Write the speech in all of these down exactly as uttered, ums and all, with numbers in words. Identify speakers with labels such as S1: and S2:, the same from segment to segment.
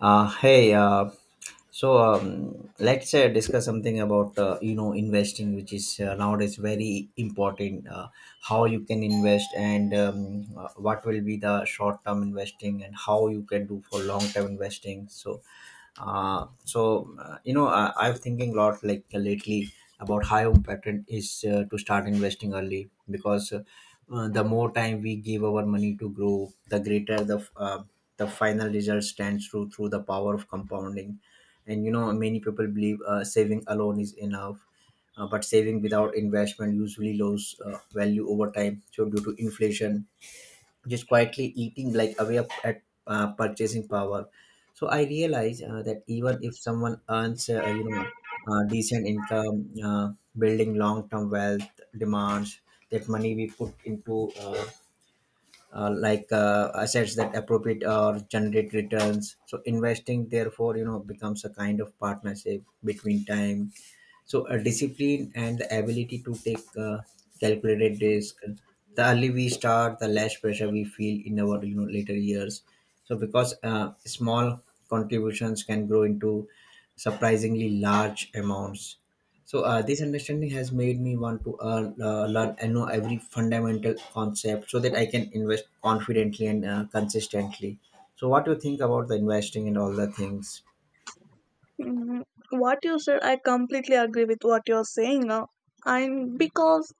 S1: Uh, hey, uh, so um, let's uh, discuss something about uh, you know investing, which is uh, nowadays very important. Uh, how you can invest and um, uh, what will be the short term investing and how you can do for long term investing. So uh, so uh, you know, I, I'm thinking a lot like uh, lately about how important is uh, to start investing early because uh, uh, the more time we give our money to grow, the greater the uh, the final result stands through through the power of compounding. And you know, many people believe uh, saving alone is enough. Uh, but saving without investment usually lose uh, value over time. So due to inflation, just quietly eating like away of, at uh, purchasing power. So I realize uh, that even if someone earns uh, you know uh, decent income, uh, building long term wealth demands that money we put into uh, uh, like uh, assets that appropriate or generate returns. So investing, therefore, you know, becomes a kind of partnership between time, so a discipline, and the ability to take uh, calculated risk. The early we start, the less pressure we feel in our, you know, later years. So because uh, small contributions can grow into surprisingly large amounts. So uh, this understanding has made me want to uh, uh, learn and know every fundamental concept so that I can invest confidently and uh, consistently. So what do you think about the investing and all the things?
S2: Mm, What you said, I completely agree with what you're saying. Uh, and because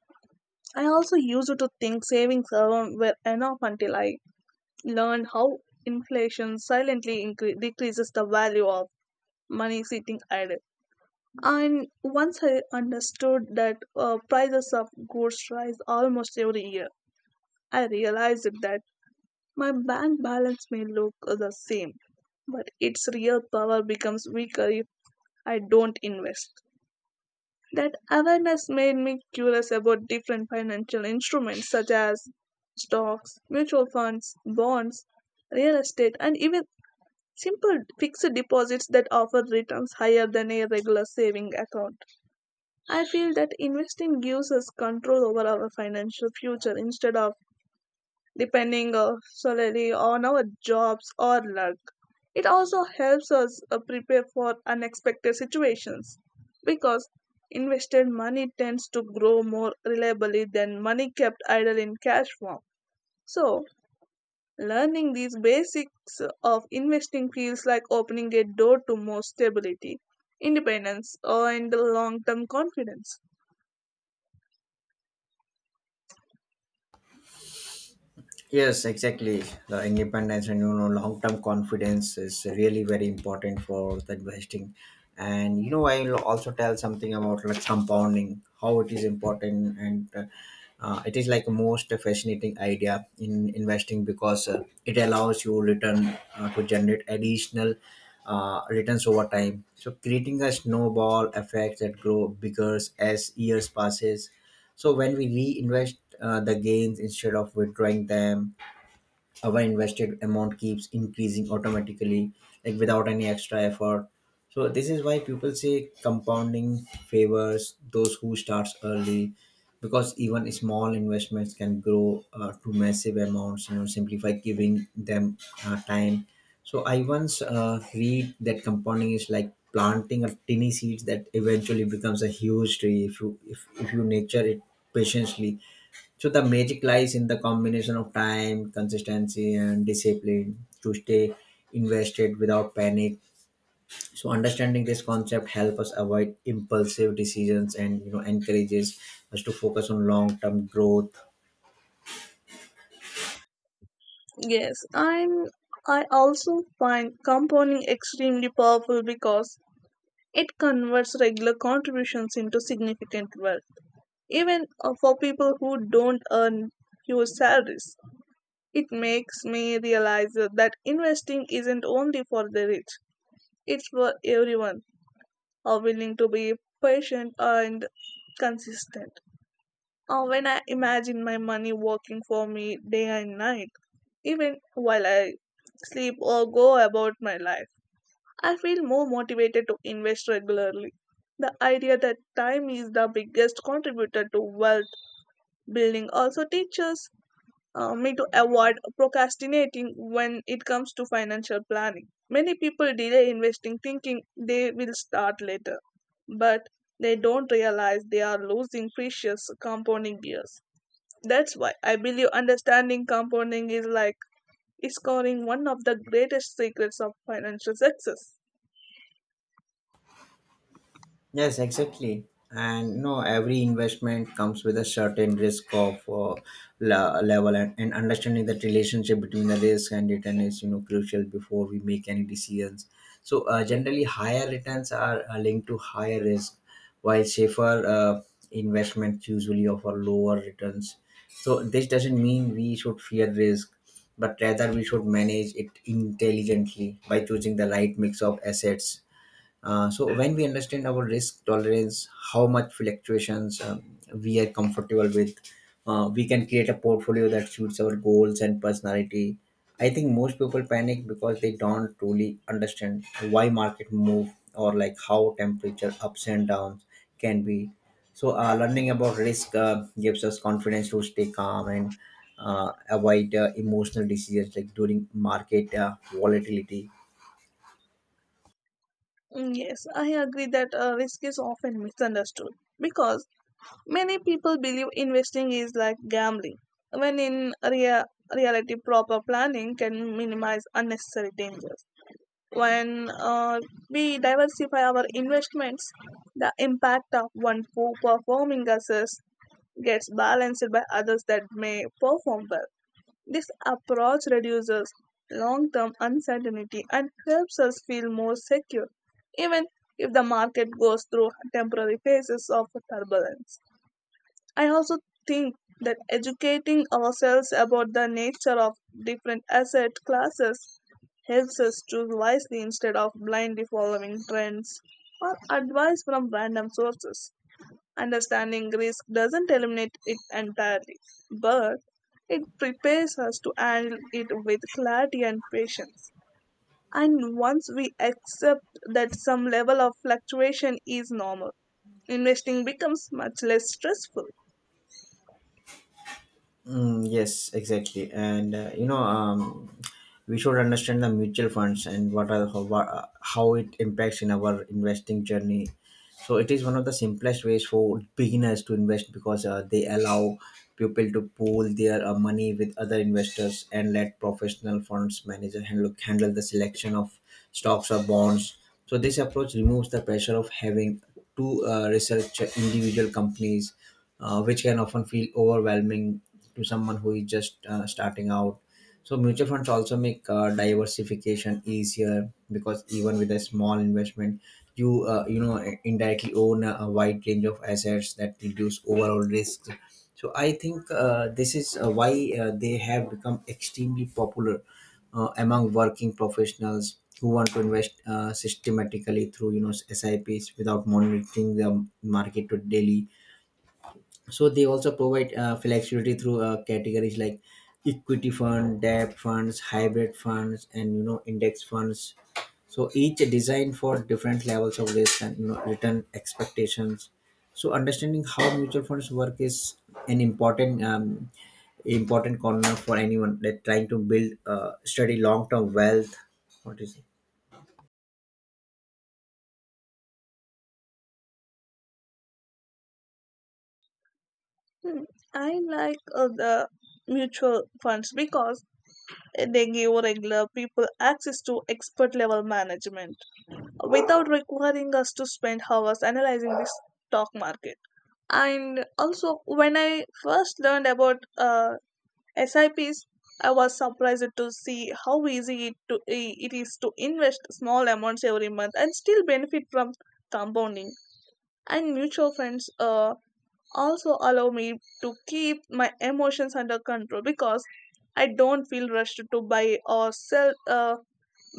S2: I also used to think savings alone were enough until I learned how inflation silently incre- decreases the value of money sitting idle. And once I understood that uh, prices of goods rise almost every year, I realized that my bank balance may look the same, but its real power becomes weaker if I don't invest. That awareness made me curious about different financial instruments such as stocks, mutual funds, bonds, real estate, and even simple fixed deposits that offer returns higher than a regular saving account. I feel that investing gives us control over our financial future instead of depending uh, solely on our jobs or luck. It also helps us uh, prepare for unexpected situations because invested money tends to grow more reliably than money kept idle in cash form. So, learning these basics of investing feels like opening a door to more stability, independence, uh, and long term confidence.
S1: Yes, exactly. The independence and, you know, long-term confidence is really very important for the investing. And you know, I'll also tell something about like compounding, how it is important, and uh, uh, it is like most fascinating idea in investing because uh, it allows you return uh, to generate additional uh, returns over time. So creating a snowball effect that grow bigger as years passes. So when we reinvest uh, the gains instead of withdrawing them, our invested amount keeps increasing automatically, like, without any extra effort. So this is why people say compounding favors those who starts early, because even small investments can grow uh, to massive amounts, you know, simply by giving them uh, time. So I once uh, read that compounding is like planting a tiny seeds that eventually becomes a huge tree if you if, if you nurture it patiently. So the magic lies in the combination of time, consistency, and discipline to stay invested without panic. So understanding this concept helps us avoid impulsive decisions and, you know, encourages us to focus on long-term growth.
S2: Yes, I'm I also find compounding extremely powerful because it converts regular contributions into significant wealth. Even uh, for people who don't earn huge salaries, it makes me realize that investing isn't only for the rich, it's for everyone uh, willing to be patient and consistent. Uh, when I imagine my money working for me day and night, even while I sleep or go about my life, I feel more motivated to invest regularly. The idea that time is the biggest contributor to wealth building also teaches uh, me to avoid procrastinating when it comes to financial planning. Many people delay investing thinking they will start later, but they don't realize they are losing precious compounding years. That's why I believe understanding compounding is like is scoring one of the greatest secrets of financial success.
S1: Yes, exactly. And you know, every investment comes with a certain risk of uh, la- level, and, and understanding that relationship between the risk and return is, you know, crucial before we make any decisions. So uh, generally, higher returns are uh, linked to higher risk, while safer uh, investments usually offer lower returns. So this doesn't mean we should fear risk, but rather we should manage it intelligently by choosing the right mix of assets uh, So when we understand our risk tolerance, how much fluctuations um, we are comfortable with, uh, we can create a portfolio that suits our goals and personality. I think most people panic because they don't truly understand why market move, or like how temperature ups and downs can be. So uh, learning about risk uh, gives us confidence to stay calm and uh, avoid uh, emotional decisions, like during market uh, volatility.
S2: Mm, Yes, I agree that uh, risk is often misunderstood because many people believe investing is like gambling, when in rea- reality, proper planning can minimize unnecessary dangers. When uh, we diversify our investments, the impact of one poor performing assets gets balanced by others that may perform well. This approach reduces long term uncertainty and helps us feel more secure, even if the market goes through temporary phases of turbulence. I also think that educating ourselves about the nature of different asset classes helps us choose wisely instead of blindly following trends or advice from random sources. Understanding risk doesn't eliminate it entirely, but it prepares us to handle it with clarity and patience. And once we accept that some level of fluctuation is normal, investing becomes much less stressful.
S1: Mm, yes, exactly, and uh, you know, um, we should understand the mutual funds and what are how, what- uh, how it impacts in our investing journey. So it is one of the simplest ways for beginners to invest because uh, they allow people to pool their uh, money with other investors and let professional funds manager handle handle the selection of stocks or bonds. So this approach removes the pressure of having to uh, research individual companies, uh, which can often feel overwhelming to someone who is just uh, starting out. So mutual funds also make uh, diversification easier because even with a small investment, you uh, you know indirectly own a, a wide range of assets that reduce overall risks. So I think uh, this is uh, why uh, they have become extremely popular uh, among working professionals who want to invest uh, systematically through, you know, S I Ps without monitoring the market to daily. So they also provide uh, flexibility through uh, categories like equity fund, debt funds, hybrid funds, and, you know, index funds, so each designed for different levels of risk and, you know, return expectations. So understanding how mutual funds work is an important um, important corner for anyone that trying to build uh, study long term wealth. What is it?
S2: Hmm, I like uh, the mutual funds because they give regular people access to expert level management without requiring us to spend hours analyzing the stock market. And also, when I first learned about uh, S I Ps, I was surprised to see how easy it, to, it is to invest small amounts every month and still benefit from compounding. And mutual funds uh, also allow me to keep my emotions under control because I don't feel rushed to buy or sell uh,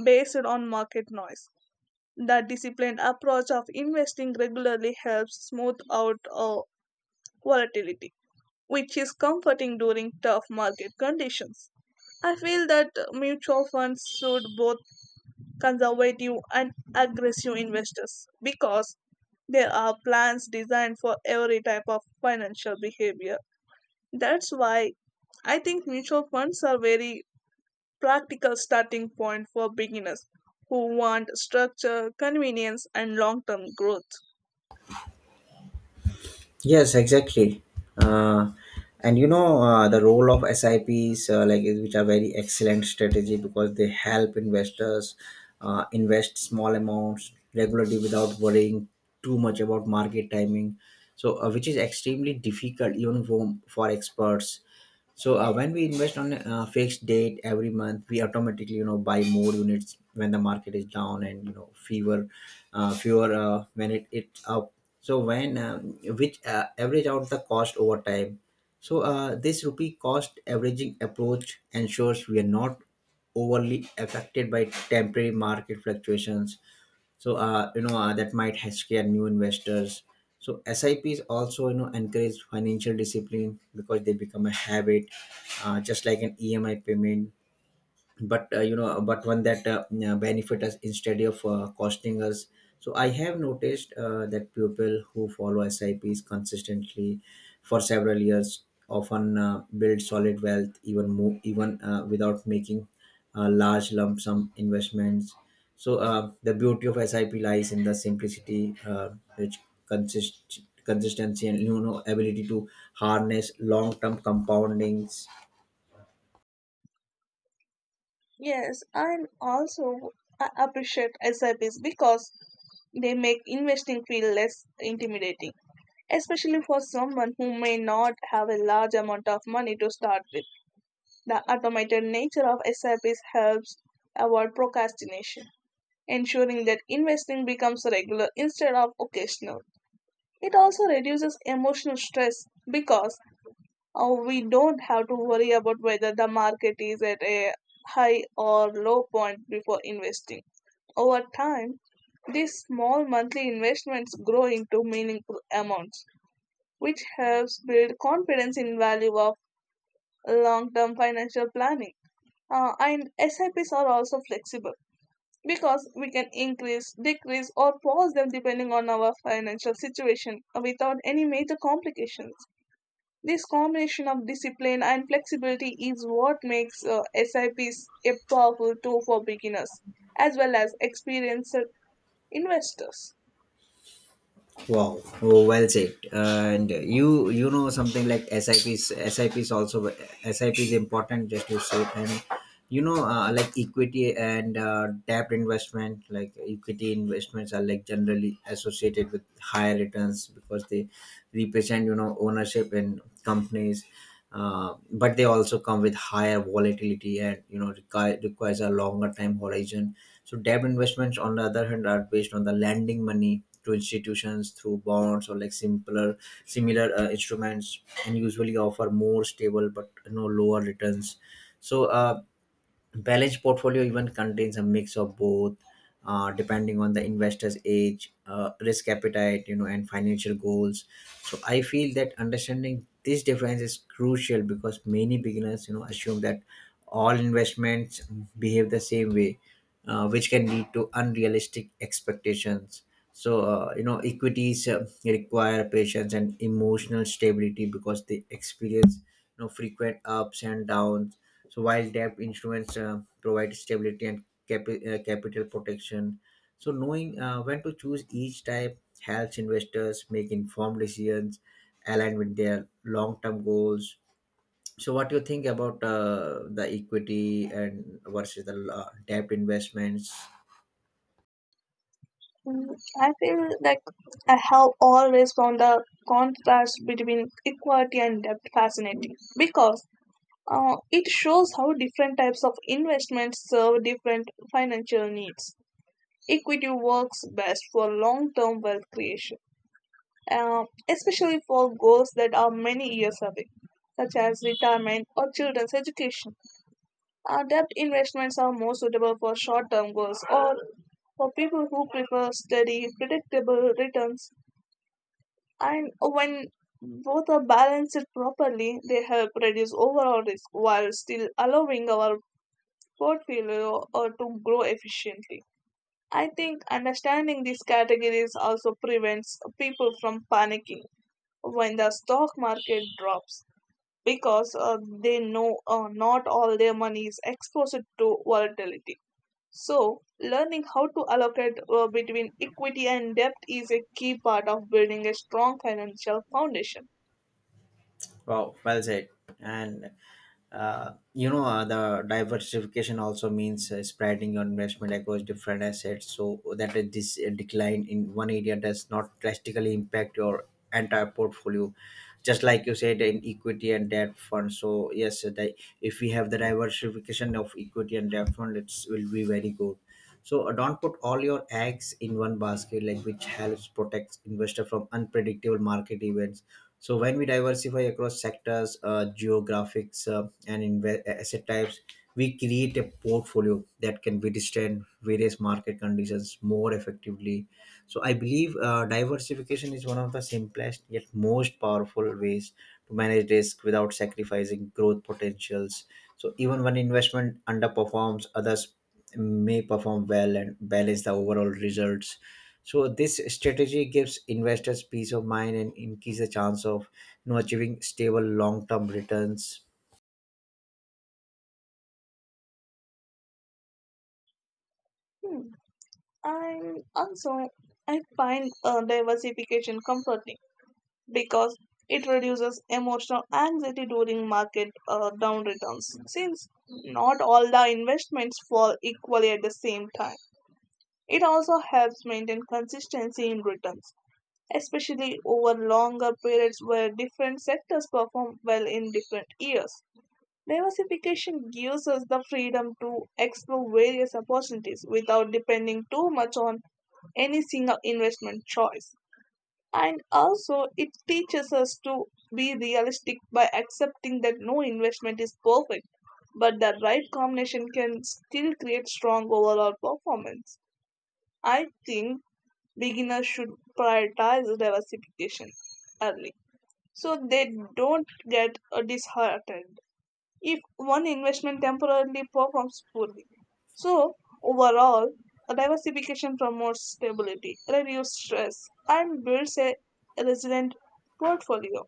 S2: based on market noise. The disciplined approach of investing regularly helps smooth out uh, volatility, which is comforting during tough market conditions. I feel that mutual funds suit both conservative and aggressive investors because there are plans designed for every type of financial behavior. That's why I think mutual funds are very practical starting point for beginners who want structure, convenience and long-term growth.
S1: Yes, exactly. Uh, and you know, uh, the role of S I Ps, uh, like is- which are very excellent strategy, because they help investors uh, invest small amounts regularly without worrying too much about market timing. So, uh, which is extremely difficult even for, for experts. So uh, when we invest on a fixed date every month, we automatically, you know, buy more units when the market is down, and, you know, fewer, uh, fewer uh, when it it's up. So, when um, which uh, average out the cost over time. So uh, this rupee cost averaging approach ensures we are not overly affected by temporary market fluctuations, so uh, you know, uh, that might ha- scare new investors. So S I Ps also, you know, encourage financial discipline because they become a habit, uh, just like an E M I payment. But uh, you know uh, but one that uh, yeah, benefit us instead of uh, costing us. So I have noticed uh, that people who follow S I Ps consistently for several years often uh, build solid wealth, even more, even uh, without making uh, large lump sum investments. So uh, the beauty of S I P lies in the simplicity, uh, which consists consistency and, you know, ability to harness long-term compoundings.
S2: Yes, and also I appreciate S I Ps because they make investing feel less intimidating, especially for someone who may not have a large amount of money to start with. The automated nature of S I Ps helps avoid procrastination, ensuring that investing becomes regular instead of occasional. It also reduces emotional stress because Oh, we don't have to worry about whether the market is at a high or low point before investing. Over time, these small monthly investments grow into meaningful amounts, which helps build confidence in value of long-term financial planning. Uh, and S I Ps are also flexible because we can increase, decrease, or pause them depending on our financial situation uh, without any major complications. This combination of discipline and flexibility is what makes uh, S I Ps a powerful tool for beginners as well as experienced investors.
S1: Wow, oh, well said. And you you know something like S I Ps. S I P is also S I P is important just to say. And you know, uh, like equity and uh, debt investment, like equity investments are like generally associated with higher returns because they represent, you know, ownership in companies. Uh, but they also come with higher volatility and, you know, require, requires a longer time horizon. So debt investments, on the other hand, are based on the lending money to institutions through bonds or like simpler similar uh, instruments, and usually offer more stable but, you know, lower returns. So uh, balanced portfolio even contains a mix of both, uh, depending on the investor's age, uh, risk appetite, you know, and financial goals. So I feel that understanding this difference is crucial because many beginners, you know, assume that all investments behave the same way, uh, which can lead to unrealistic expectations. So, uh, you know, equities uh, require patience and emotional stability because they experience, you know, frequent ups and downs. So, while debt instruments uh, provide stability and capi- uh, capital protection, so knowing uh, when to choose each type helps investors make informed decisions aligned with their long-term goals. So, what do you think about uh, the equity and versus the uh, debt investments?
S2: Mm, I feel like I have always found the contrast between equity and debt fascinating because uh, it shows how different types of investments serve different financial needs. Equity works best for long term wealth creation uh, especially for goals that are many years away, such as retirement or children's education. Uh, debt investments are more suitable for short term goals or for people who prefer steady, predictable returns. And when both are balanced properly, they help reduce overall risk while still allowing our portfolio uh, to grow efficiently. I think understanding these categories also prevents people from panicking when the stock market drops because uh, they know uh, not all their money is exposed to volatility. So, learning how to allocate uh, between equity and debt is a key part of building a strong financial foundation.
S1: Wow, well said. And uh, you know, uh, the diversification also means uh, spreading your investment across different assets, so that uh, this uh, decline in one area does not drastically impact your entire portfolio. Just like you said in equity and debt fund. So yes, uh, the, if we have the diversification of equity and debt fund, it will be very good. So uh, don't put all your eggs in one basket, like, which helps protect investor from unpredictable market events. So when we diversify across sectors, uh, geographics, uh, and inve- asset types, we create a portfolio that can withstand various market conditions more effectively. So I believe uh, diversification is one of the simplest yet most powerful ways to manage risk without sacrificing growth potentials. So even when investment underperforms, others may perform well and balance the overall results. So this strategy gives investors peace of mind and increase the chance of, you know, achieving stable long-term returns.
S2: Hmm. And also, I find uh, diversification comforting because it reduces emotional anxiety during market uh, down returns since not all the investments fall equally at the same time. It also helps maintain consistency in returns, especially over longer periods where different sectors perform well in different years. Diversification gives us the freedom to explore various opportunities without depending too much on any single investment choice. And also, it teaches us to be realistic by accepting that no investment is perfect, but the right combination can still create strong overall performance. I think beginners should prioritize diversification early so they don't get uh, disheartened if one investment temporarily performs poorly. So, overall, a diversification promotes stability, reduces stress, and builds a resilient portfolio.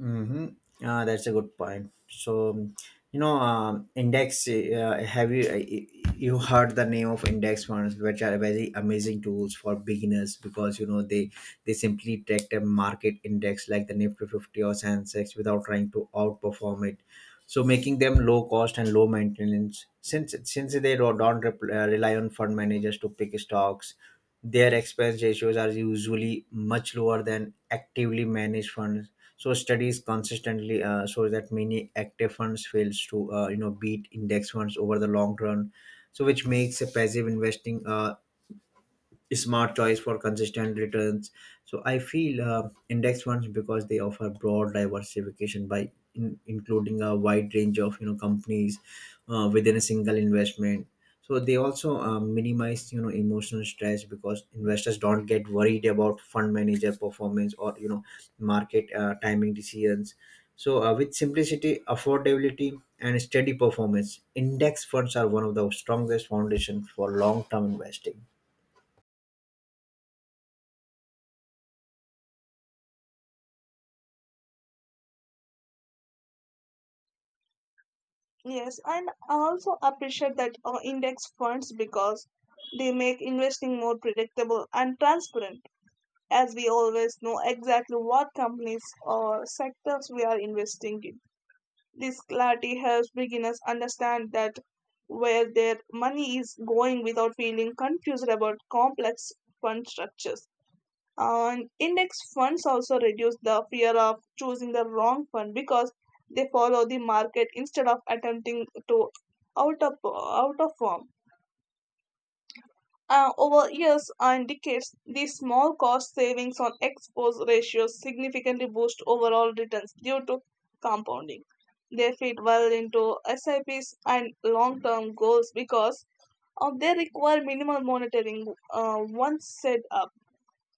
S1: Mm-hmm. Uh, that's a good point. So, you know, um, index. Uh, have you uh, you heard the name of index funds, which are very amazing tools for beginners because, you know, they they simply track a market index like the Nifty fifty or Sensex without trying to outperform it. So, making them low cost and low maintenance. Since since they don't don't rep- uh, rely on fund managers to pick stocks, their expense ratios are usually much lower than actively managed funds. So studies consistently uh, shows that many active funds fails to, uh, you know, beat index funds over the long run. So which makes a passive investing uh, smart choice for consistent returns. So I feel uh, index funds because they offer broad diversification by in, including a wide range of you know companies uh, within a single investment. So they also uh, minimize you know emotional stress because investors don't get worried about fund manager performance or you know market uh, timing decisions. So uh, with simplicity, affordability, and steady performance, index funds are one of the strongest foundations for long-term investing.
S2: Yes, and I also appreciate that uh, index funds because they make investing more predictable and transparent, as we always know exactly what companies or sectors we are investing in. This clarity helps beginners understand that where their money is going without feeling confused about complex fund structures. And index funds also reduce the fear of choosing the wrong fund because they follow the market instead of attempting to out of out of form. Uh, over years and decades, these small cost savings on exposed ratios significantly boost overall returns due to compounding. They fit well into S I Ps and long term goals because uh, they require minimal monitoring uh, once set up.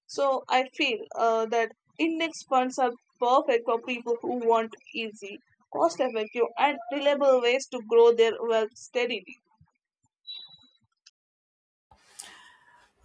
S2: So I feel uh, that index funds are perfect for people who want easy, cost effective, and reliable ways to grow their wealth steadily.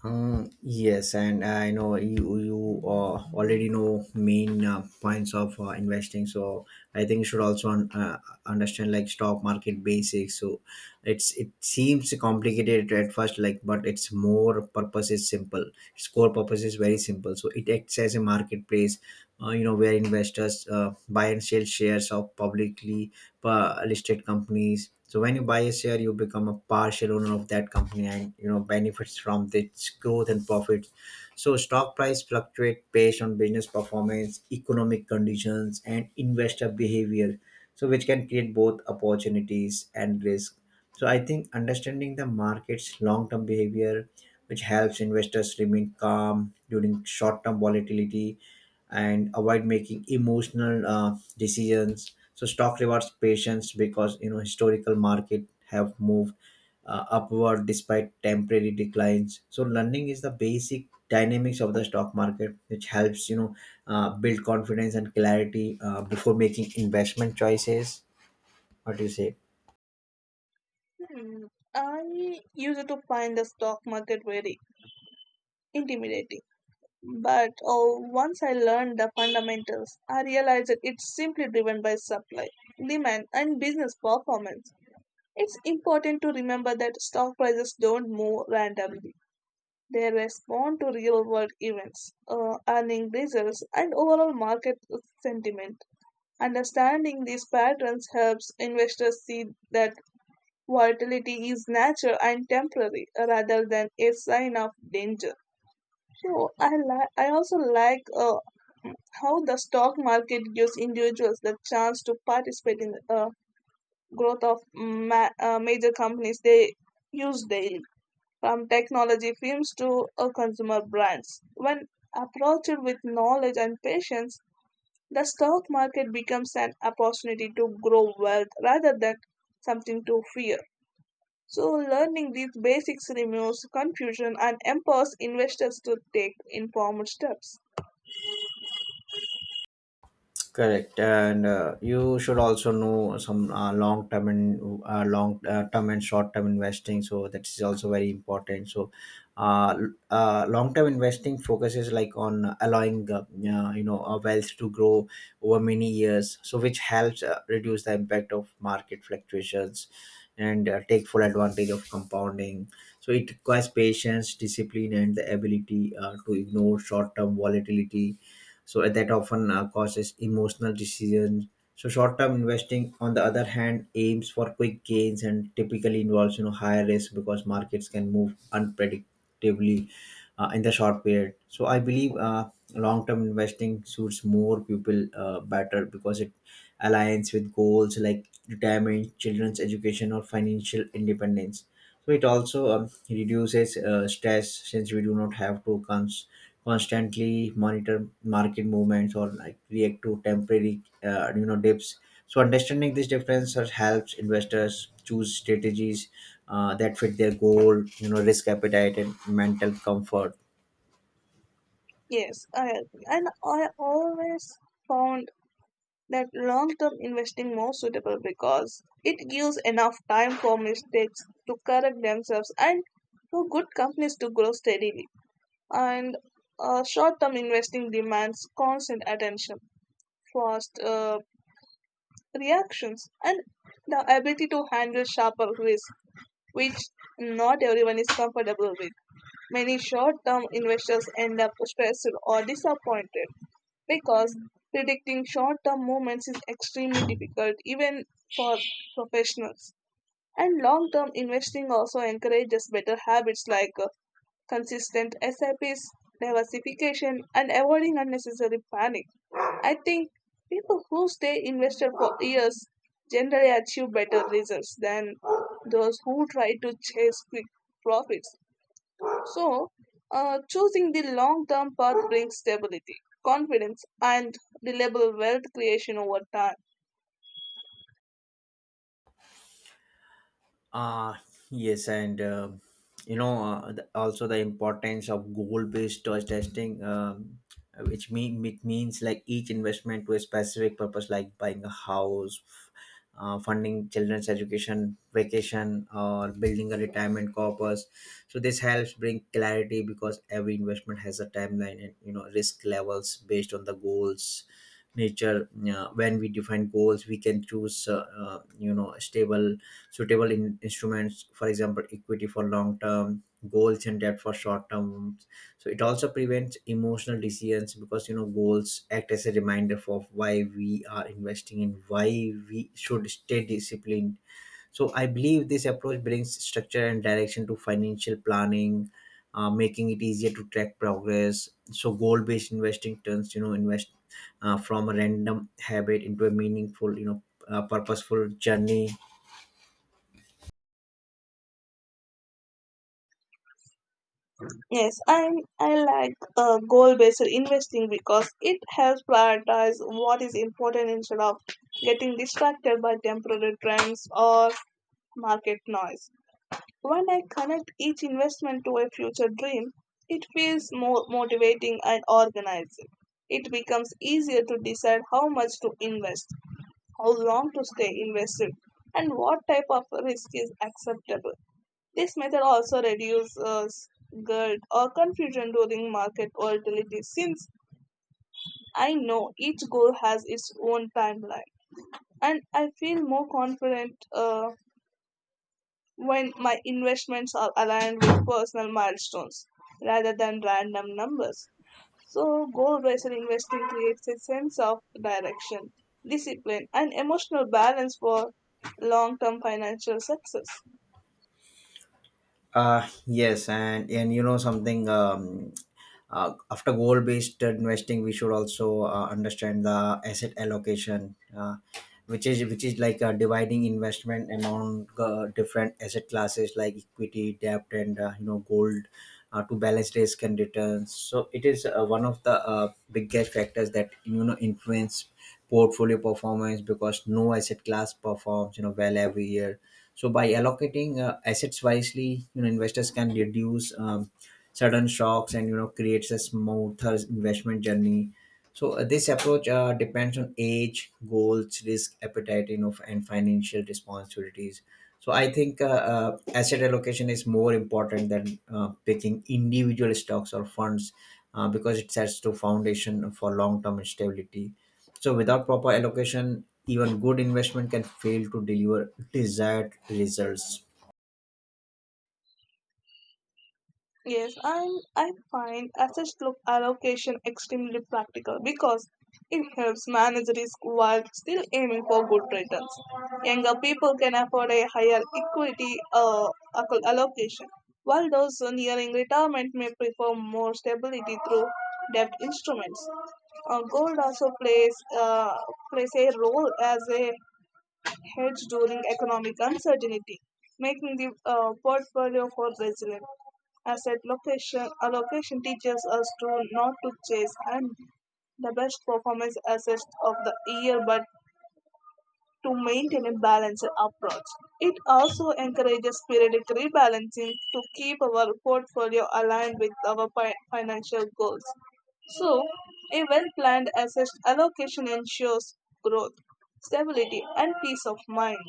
S1: Um, yes, and I know you you uh, already know main uh, points of uh, investing. So I think you should also un- uh, understand like stock market basics. So it's it seems complicated at first, like but its more purpose is simple. Its core purpose is very simple. So it acts as a marketplace, uh, you know, where investors uh, buy and sell shares of publicly uh, listed companies. So when you buy a share you become a partial owner of that company and you know benefits from its growth and profits. So stock price fluctuate based on business performance, economic conditions, and investor behavior, so which can create both opportunities and risk. So I think understanding the market's long term behavior, which helps investors remain calm during short term volatility and avoid making emotional uh, decisions. So stock rewards patience, because you know historical market have moved uh, upward despite temporary declines. So learning is the basic dynamics of the stock market, which helps you know uh, build confidence and clarity uh, before making investment choices. What do you say?
S2: Hmm, I used to find the stock market very intimidating. But oh, once I learned the fundamentals, I realized that it's simply driven by supply, demand, and business performance. It's important to remember that stock prices don't move randomly. They respond to real world events, uh, earning results, and overall market sentiment. Understanding these patterns helps investors see that volatility is natural and temporary rather than a sign of danger. So I like I also like uh, how the stock market gives individuals the chance to participate in uh, growth of ma- uh, major companies they use daily, from technology firms to uh, consumer brands. When approached with knowledge and patience, the stock market becomes an opportunity to grow wealth rather than something to fear. So, learning these basics removes confusion and empowers investors to take informed steps.
S1: Correct, and uh, you should also know some uh, long term and uh, long uh, term and short term investing. So that is also very important. So, uh, l- uh, long term investing focuses like on allowing uh, yeah, you know a wealth to grow over many years. So which helps uh, reduce the impact of market fluctuations and uh, take full advantage of compounding. So it requires patience, discipline, and the ability uh, to ignore short term volatility, so uh, that often uh, causes emotional decisions. So short-term investing, on the other hand, aims for quick gains and typically involves you know higher risk because markets can move unpredictably uh, in the short period. So I believe uh, long-term investing suits more people uh, better because it aligns with goals like retirement, children's education, or financial independence. So it also um, reduces uh, stress, since we do not have to cons- constantly monitor market movements or like react to temporary uh, you know dips. So understanding this difference has- helps investors choose strategies uh, that fit their goal, you know risk appetite, and mental comfort.
S2: Yes, I, and I always found that long term investing more suitable because it gives enough time for mistakes to correct themselves and for good companies to grow steadily. And uh, short term investing demands constant attention, fast uh, reactions, and the ability to handle sharper risk, which not everyone is comfortable with. Many short term investors end up stressed or disappointed because predicting short term movements is extremely difficult, even for professionals. And long term investing also encourages better habits like uh, consistent S I Ps, diversification, and avoiding unnecessary panic. I think people who stay invested for years generally achieve better results than those who try to chase quick profits. So, uh, choosing the long term path brings stability, confidence, and reliable wealth creation over time.
S1: Uh, yes, and uh, you know, uh, the, also the importance of goal-based choice testing, um, which mean it means like each investment to a specific purpose, like buying a house, uh, funding children's education, vacation, or building a retirement corpus. So this helps bring clarity because every investment has a timeline and you know risk levels based on the goals nature. Uh, when we define goals we can choose uh, uh, you know stable suitable in instruments, for example equity for long term goals and debt for short term. So it also prevents emotional decisions because you know goals act as a reminder for why we are investing and why we should stay disciplined. So I believe this approach brings structure and direction to financial planning, uh, making it easier to track progress. So goal based investing turns you know invest uh, from a random habit into a meaningful you know uh, purposeful journey.
S2: Yes, I I like uh, goal-based investing because it helps prioritize what is important instead of getting distracted by temporary trends or market noise. When I connect each investment to a future dream, it feels more motivating and organizing. It becomes easier to decide how much to invest, how long to stay invested, and what type of risk is acceptable. This method also reduces guilt or confusion during market volatility since I know each goal has its own timeline and I feel more confident uh, when my investments are aligned with personal milestones rather than random numbers. So, goal based investing creates a sense of direction, discipline, and emotional balance for long term financial success.
S1: Uh, yes, and and you know something, um, uh, after goal based investing we should also uh, understand the asset allocation, uh, which is which is like uh, dividing investment among uh, different asset classes like equity, debt, and uh, you know gold uh, to balance risk and returns. So it is uh, one of the uh, biggest factors that you know influence portfolio performance, because no asset class performs you know well every year. So by allocating uh, assets wisely, you know investors can reduce um, sudden shocks and you know creates a smoother investment journey. So uh, this approach uh, depends on age, goals, risk appetite, you know and financial responsibilities. So I think uh, uh, asset allocation is more important than uh, picking individual stocks or funds, uh, because it sets the foundation for long term stability. So without proper allocation even good investment can fail to deliver desired results.
S2: Yes, and I find asset lo- allocation extremely practical because it helps manage risk while still aiming for good returns. Younger people can afford a higher equity uh, acco- allocation, while those nearing retirement may prefer more stability through debt instruments. Uh, gold also plays uh, plays a role as a hedge during economic uncertainty, making the uh, portfolio more resilient. Asset location allocation teaches us to not to chase and the best performance assets of the year, but to maintain a balanced approach. It also encourages periodic rebalancing to keep our portfolio aligned with our fi- financial goals. So, a well planned asset allocation ensures growth, stability, and peace of mind.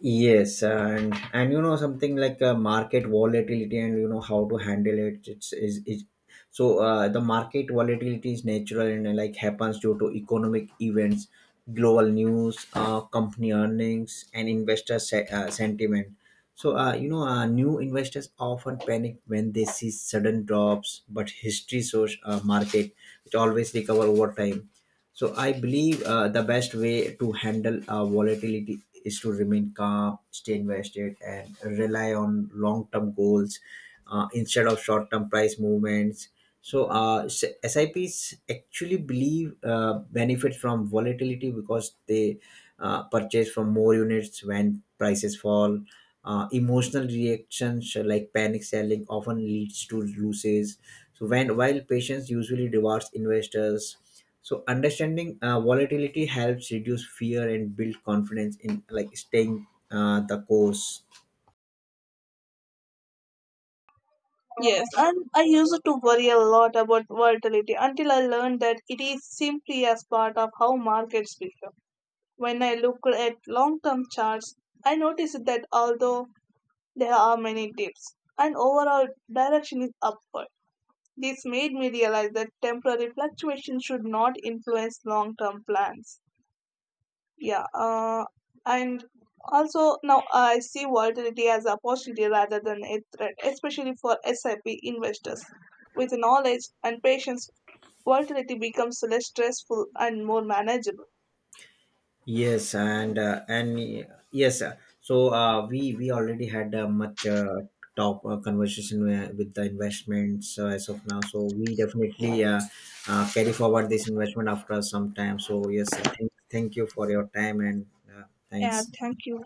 S1: Yes, and and you know something like uh, market volatility and you know how to handle it. It's is is so uh, The market volatility is natural and uh, like happens due to economic events, global news, uh, company earnings, and investor se- uh, sentiment. So uh, you know uh, new investors often panic when they see sudden drops, but history shows uh, market which always recover over time. So I believe uh, the best way to handle uh, volatility is to remain calm, stay invested, and rely on long-term goals uh, instead of short-term price movements. So uh, S- SIPs actually believe uh, benefit from volatility because they uh, purchase from more units when prices fall. Uh, emotional reactions uh, like panic selling often leads to losses, so when while patience usually rewards investors. So understanding uh, volatility helps reduce fear and build confidence in like staying uh, the course.
S2: Yes, and I used to worry a lot about volatility until I learned that it is simply as part of how markets become. When I look at long term charts, I notice that although there are many dips, and overall direction is upward. This made me realize that temporary fluctuations should not influence long term plans. Yeah, uh, and also now I see volatility as an opportunity rather than a threat, especially for S I P investors. With knowledge and patience, volatility becomes less stressful and more manageable.
S1: Yes, and uh, and uh, yes, uh, so uh, we we already had uh, much uh, top uh, conversation uh, with the investments uh, as of now. So we definitely uh, uh, carry forward this investment after some time. So yes, uh, thank, thank you for your time and uh,
S2: Yeah,
S1: thanks.
S2: thank you.